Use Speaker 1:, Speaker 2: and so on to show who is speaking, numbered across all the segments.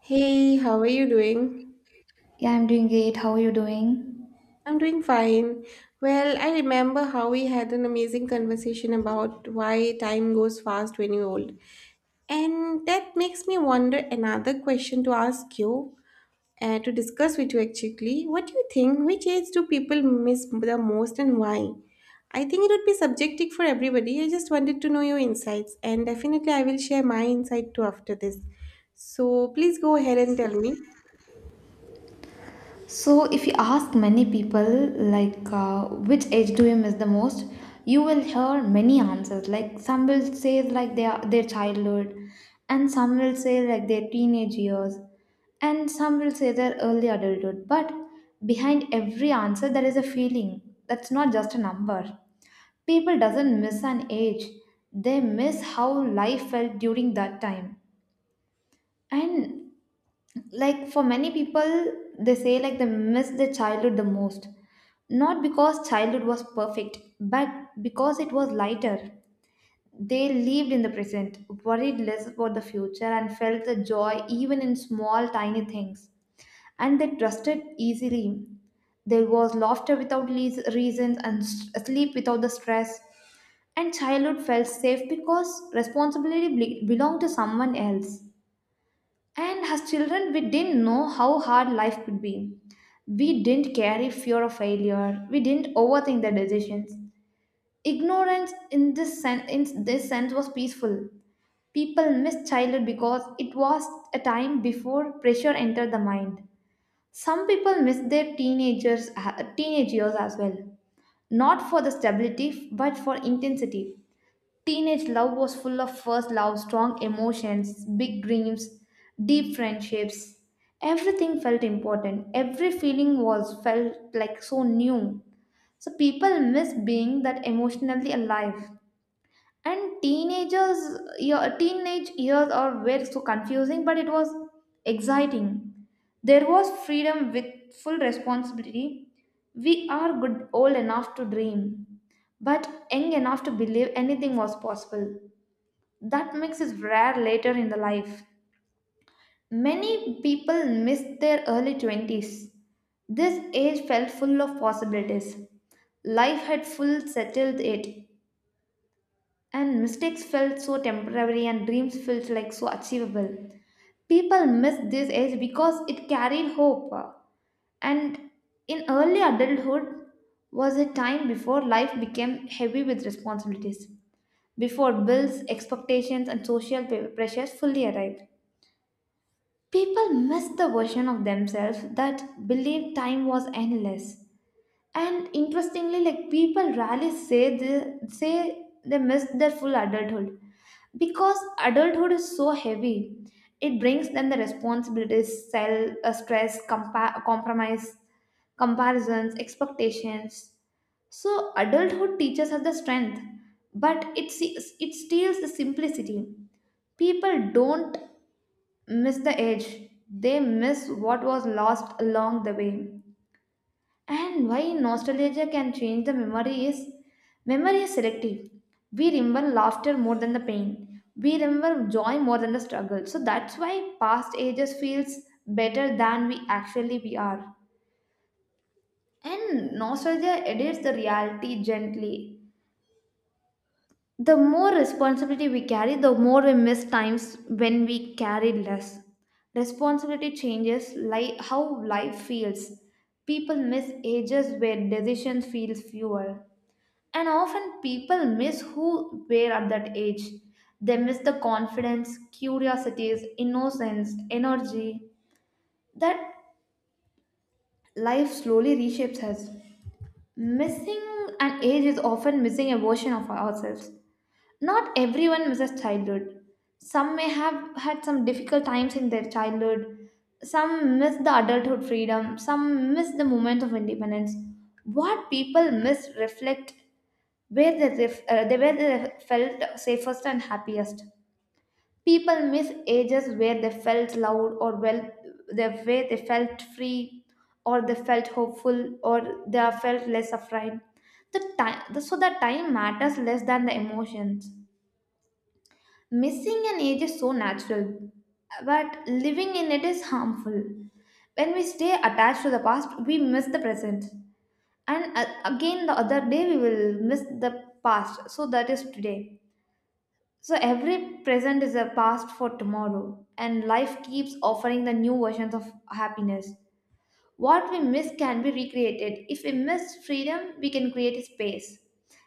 Speaker 1: Hey, how are you doing?
Speaker 2: Yeah, I'm doing great. How are you doing?
Speaker 1: I'm doing fine. Well, I remember how we had an amazing conversation about why time goes fast when you're old. And that makes me wonder another question to ask you, to discuss with you actually. What do you think? Which age do people miss the most and why? I think it would be subjective for everybody. I just wanted to know your insights, and definitely I will share my insight too after this. So please go ahead and tell me.
Speaker 2: So, if you ask many people, which age do you miss the most, you will hear many answers. Like, some will say, like, their childhood, and some will say, like, their teenage years, and some will say their early adulthood. But behind every answer, there is a feeling that's not just a number. People doesn't miss an age, they miss how life felt during that time. And like for many people they say like they miss their childhood the most, not because childhood was perfect, but because it was lighter. They lived in the present, worried less about the future, and felt the joy even in small tiny things. And they trusted easily. There was laughter without reasons and sleep without the stress. And childhood felt safe because responsibility belonged to someone else. And as children, we didn't know how hard life could be. We didn't carry fear of failure. We didn't overthink the decisions. Ignorance in this sense, was peaceful. People missed childhood because it was a time before pressure entered the mind. Some people miss their teenage years as well, not for the stability but for intensity. Teenage love was full of first love, strong emotions, big dreams, deep friendships. Everything felt important. Every feeling was felt like so new. So people miss being that emotionally alive. And teenagers, your teenage years are were so confusing, but it was exciting. There was freedom with full responsibility. We are good old enough to dream, but young enough to believe anything was possible. That mix is rare later in the life. Many people miss their early 20s. This age felt full of possibilities. Life had full settled it, and mistakes felt so temporary and dreams felt like so achievable. People miss this age because it carried hope. And in early adulthood was a time before life became heavy with responsibilities, before bills, expectations, and social pressures fully arrived. People miss the version of themselves that believed time was endless. And interestingly, like people rarely say they missed their full adulthood because adulthood is so heavy. It brings them the responsibilities, stress, compromise, comparisons, expectations. So adulthood teaches us the strength, but it steals the simplicity. People don't miss the edge. They miss what was lost along the way. And why nostalgia can change the memory is selective. We remember laughter more than the pain. We remember joy more than the struggle. So that's why past ages feels better than we actually we are. And nostalgia edits the reality gently. The more responsibility we carry, the more we miss times when we carry less. Responsibility changes how life feels. People miss ages where decisions feel fewer. And often people miss who were at that age. They miss the confidence, curiosities, innocence, energy that life slowly reshapes us. Missing an age is often missing a version of ourselves. Not everyone misses childhood. Some may have had some difficult times in their childhood. Some miss the adulthood freedom. Some miss the moment of independence. What people miss reflect where they, ref- they where they felt safest and happiest. People miss ages where they felt loud or well, the way they felt free, or they felt hopeful, or they are felt less afraid. So the time matters less than the emotions. Missing an age is so natural, but living in it is harmful. When we stay attached to the past, we miss the present. And again, the other day, we will miss the past. So that is today. So every present is a past for tomorrow, and life keeps offering the new versions of happiness. What we miss can be recreated. If we miss freedom, we can create a space.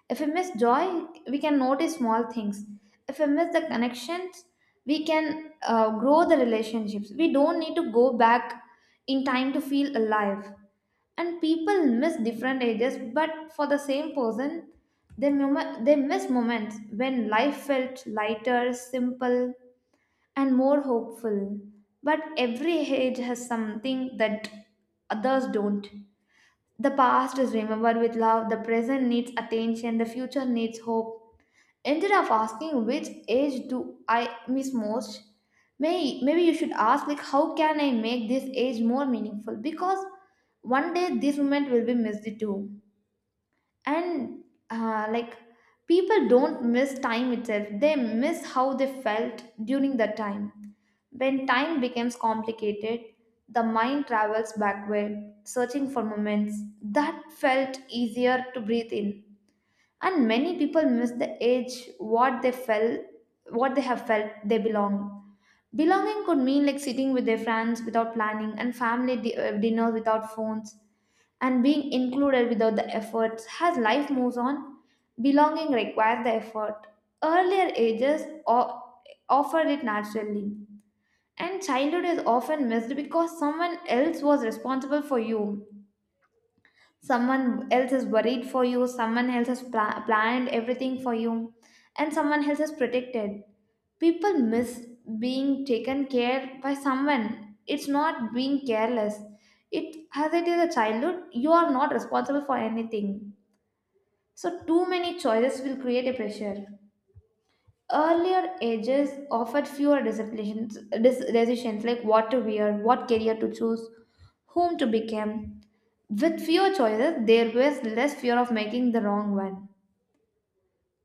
Speaker 2: If we miss joy, we can notice small things. If we miss the connections, we can grow the relationships. We don't need to go back in time to feel alive. And people miss different ages, but for the same person, they miss moments when life felt lighter, simple, and more hopeful. But every age has something that others don't. The past is remembered with love, the present needs attention, the future needs hope. Instead of asking which age do I miss most, maybe you should ask like how can I make this age more meaningful, because one day this moment will be missed too. And uh, like people don't miss time itself, they miss how they felt during the time. When time becomes complicated, the mind travels backward searching for moments that felt easier to breathe in. And many people miss the age what they felt, what they have felt they belong. Belonging could mean like sitting with their friends without planning, and family dinners without phones, and being included without the efforts. As life moves on, belonging requires the effort. Earlier ages offered it naturally. And childhood is often missed because someone else was responsible for you, someone else is worried for you, someone else has planned everything for you, and someone else is protected. People miss being taken care by someone. It's not being careless. It as it is a childhood, you are not responsible for anything. So too many choices will create a pressure. Earlier ages offered fewer decisions, decisions like what to wear, what career to choose, whom to become. With fewer choices, there was less fear of making the wrong one.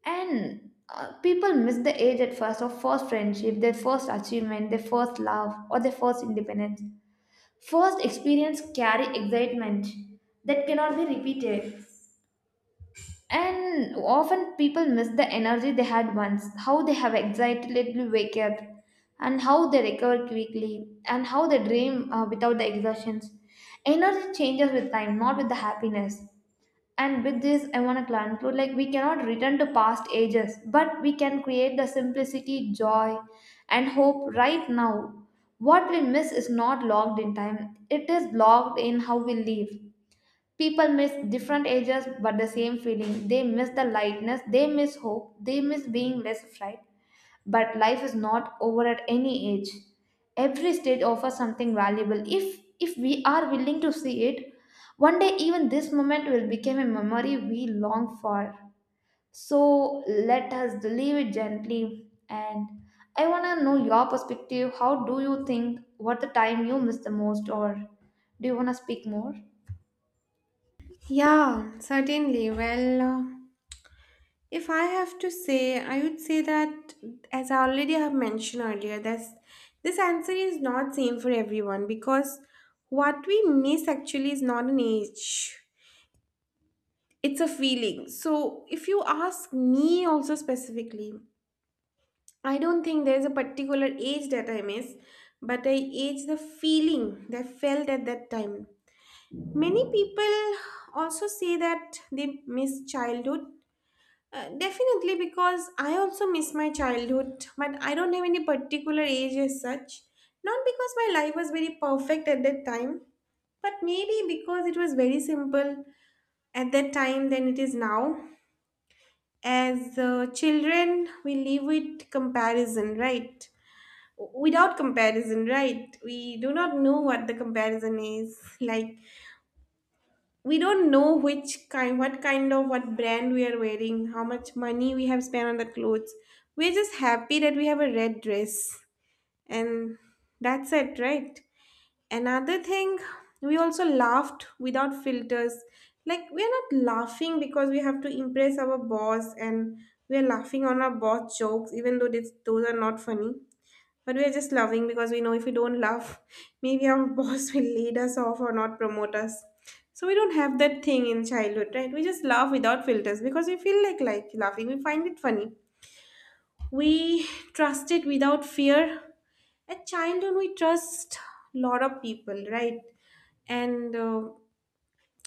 Speaker 2: And people miss the age at first of first friendship, their first achievement, their first love, or their first independence. First experience carry excitement that cannot be repeated. And often people miss the energy they had once, how they have excitedly wake up, and how they recover quickly, and how they dream without the exertions. Energy changes with time, not with the happiness. And with this, I want to conclude like we cannot return to past ages, but we can create the simplicity, joy, and hope right now. What we miss is not logged in time, it is logged in how we live. People miss different ages but the same feeling. They miss the lightness, they miss hope, they miss being less afraid, but life is not over at any age. Every stage offers something valuable if we are willing to see it. One day even this moment will become a memory we long for. So let us leave it gently. And I want to know your perspective. How do you think what the time you miss the most, or do you want to speak more?
Speaker 1: Yeah, certainly. If I have to say, I would say that as I already have mentioned earlier, this answer is not same for everyone, because what we miss actually is not an age. It's a feeling. So if you ask me also specifically, I don't think there's a particular age that I miss, but I age the feeling that I felt at that time. Many people also say that they miss childhood. Definitely, because I also miss my childhood, but I don't have any particular age as such. Not because my life was very perfect at that time, but maybe because it was very simple at that time than it is now. As children, we live with comparison, right? Without comparison, right? We do not know what the comparison is like, we don't know which kind, what kind of what brand we are wearing, how much money we have spent on the clothes. We're just happy that we have a red dress, and that's it, right? Another thing, we also laughed without filters. Like, we're not laughing because we have to impress our boss, and we're laughing on our boss jokes even though those are not funny, but we are just loving because we know if we don't love, maybe our boss will lead us off or not promote us. So we don't have that thing in childhood, right? We just laugh without filters because we feel like laughing. We find it funny. We trust it without fear. At childhood, we trust lot of people, right? and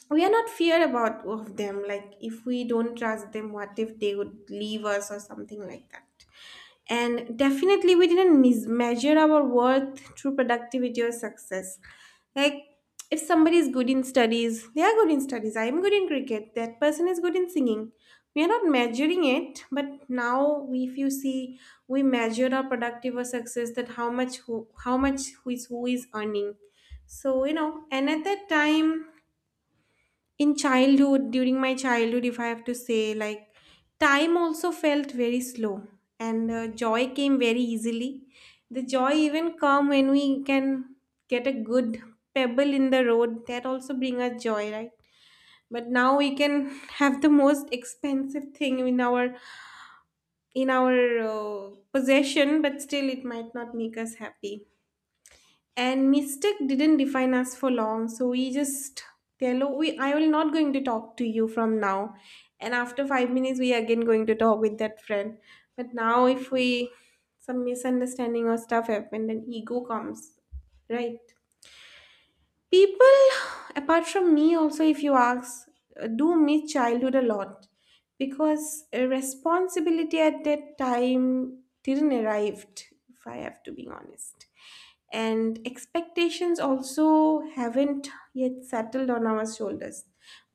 Speaker 1: we are not fear about of them, like if we don't trust them, what if they would leave us or something like that. And definitely, we didn't measure our worth through productivity or success. Like, if somebody is good in studies, they are good in studies. I am good in cricket. That person is good in singing. We are not measuring it, but now, if you see, we measure our productive or success, that how much who is earning. So you know, and at that time, in childhood, during my childhood, if I have to say, like, time also felt very slow, and joy came very easily. The joy even come when we can get a good pebble in the road, that also bring us joy, right? But now we can have the most expensive thing in our possession, but still it might not make us happy. And mistake didn't define us for long, so we just tell, oh, we I will not going to talk to you from now, and after 5 minutes we again going to talk with that friend. But now if we some misunderstanding or stuff happened, then ego comes, right? People, apart from me, also if you ask, do miss childhood a lot, because responsibility at that time didn't arrived, if I have to be honest, and expectations also haven't yet settled on our shoulders.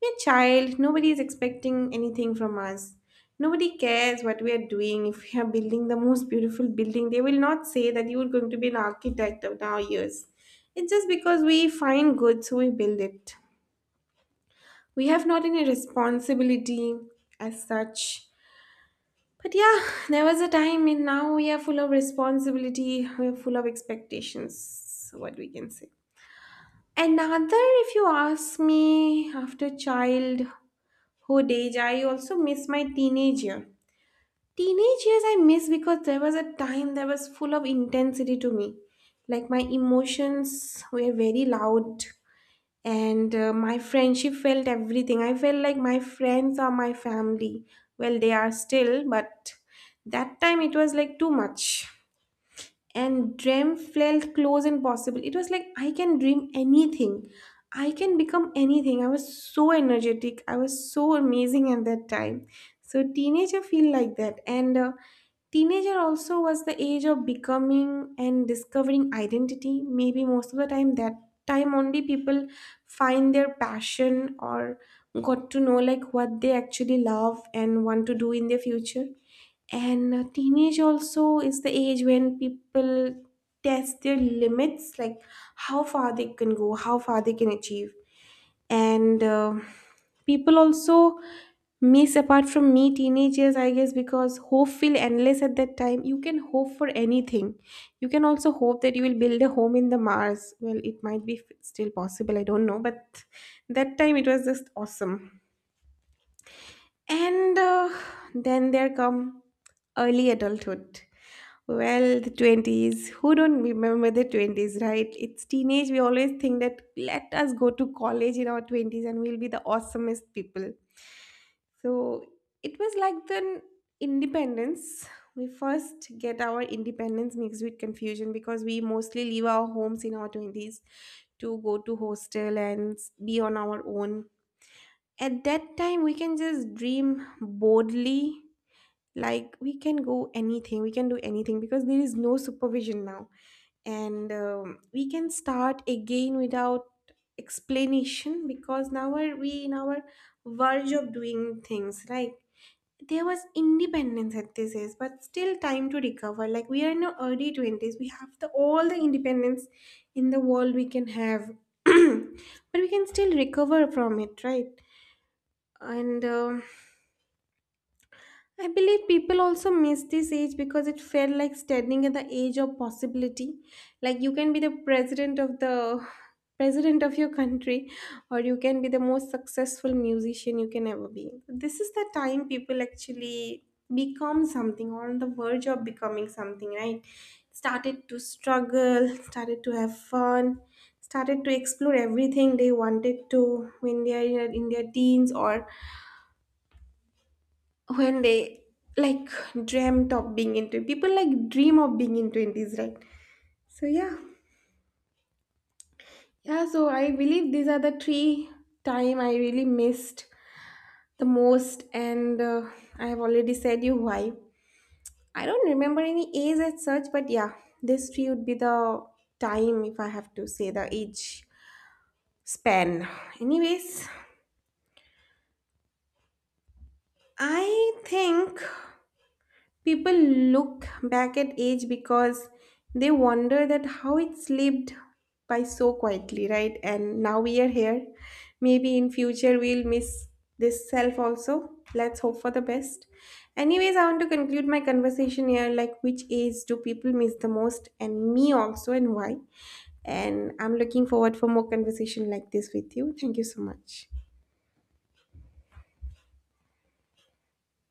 Speaker 1: We're child, nobody is expecting anything from us. Nobody cares what we are doing. If we are building the most beautiful building, they will not say that you are going to be an architect of now years. It's just because we find good, so we build it. We have not any responsibility as such. But yeah, there was a time, and now we are full of responsibility. We are full of expectations. What we can say. Another, if you ask me, after childhood age, I also miss my teenage year. Teenage years I miss because there was a time that was full of intensity to me. Like, my emotions were very loud, and my friendship felt everything. I felt like my friends are my family. Well, they are still, but that time it was like too much. And dream felt close and possible. It was like I can dream anything, I can become anything, I was so energetic, I was so amazing at that time. So teenager feel like that. And teenager also was the age of becoming and discovering identity. Maybe most of the time, that time only people find their passion or got to know like what they actually love and want to do in their future. And teenage also is the age when people test their limits, like how far they can go, how far they can achieve. And people also miss, apart from me, teenagers, I guess, because hope feel endless at that time. You can hope for anything. You can also hope that you will build a home in the Mars. Well, it might be still possible, I don't know, but that time it was just awesome. And then there come early adulthood. Well, the 20s. Who don't remember the 20s, right? It's teenage. We always think that let us go to college in our 20s and we'll be the awesomest people. So it was like the independence. We first get our independence mixed with confusion, because we mostly leave our homes in our 20s to go to hostel and be on our own. At that time we can just dream boldly, like we can go anything, we can do anything, because there is no supervision now. And we can start again without explanation, because now are we in our verge of doing things, right? There was independence at this age, but still time to recover. Like we are in our early 20s, we have the all the independence in the world we can have, but we can still recover from it, right? And, I believe people also miss this age because it felt like standing at the age of possibility. Like you can be the president of your country, or you can be the most successful musician you can ever be. This is the time people actually become something or on the verge of becoming something, right? Started to struggle, started to have fun, started to explore everything they wanted to when they are in their teens, or when they, like, dreamt of being in 20s. People like dream of being in 20s, right? So yeah, yeah. So I believe these are the three time I really missed the most, and I have already said you why. I don't remember any age as such, but yeah, this three would be the time if I have to say the age span. Anyways, I think people look back at age because they wonder that how it slipped by so quietly, right? And now we are here. Maybe in future we'll miss this self also. Let's hope for the best. Anyways, I want to conclude my conversation here, like which age do people miss the most, and me also, and why? And I'm looking forward for more conversation like this with you. Thank you so much.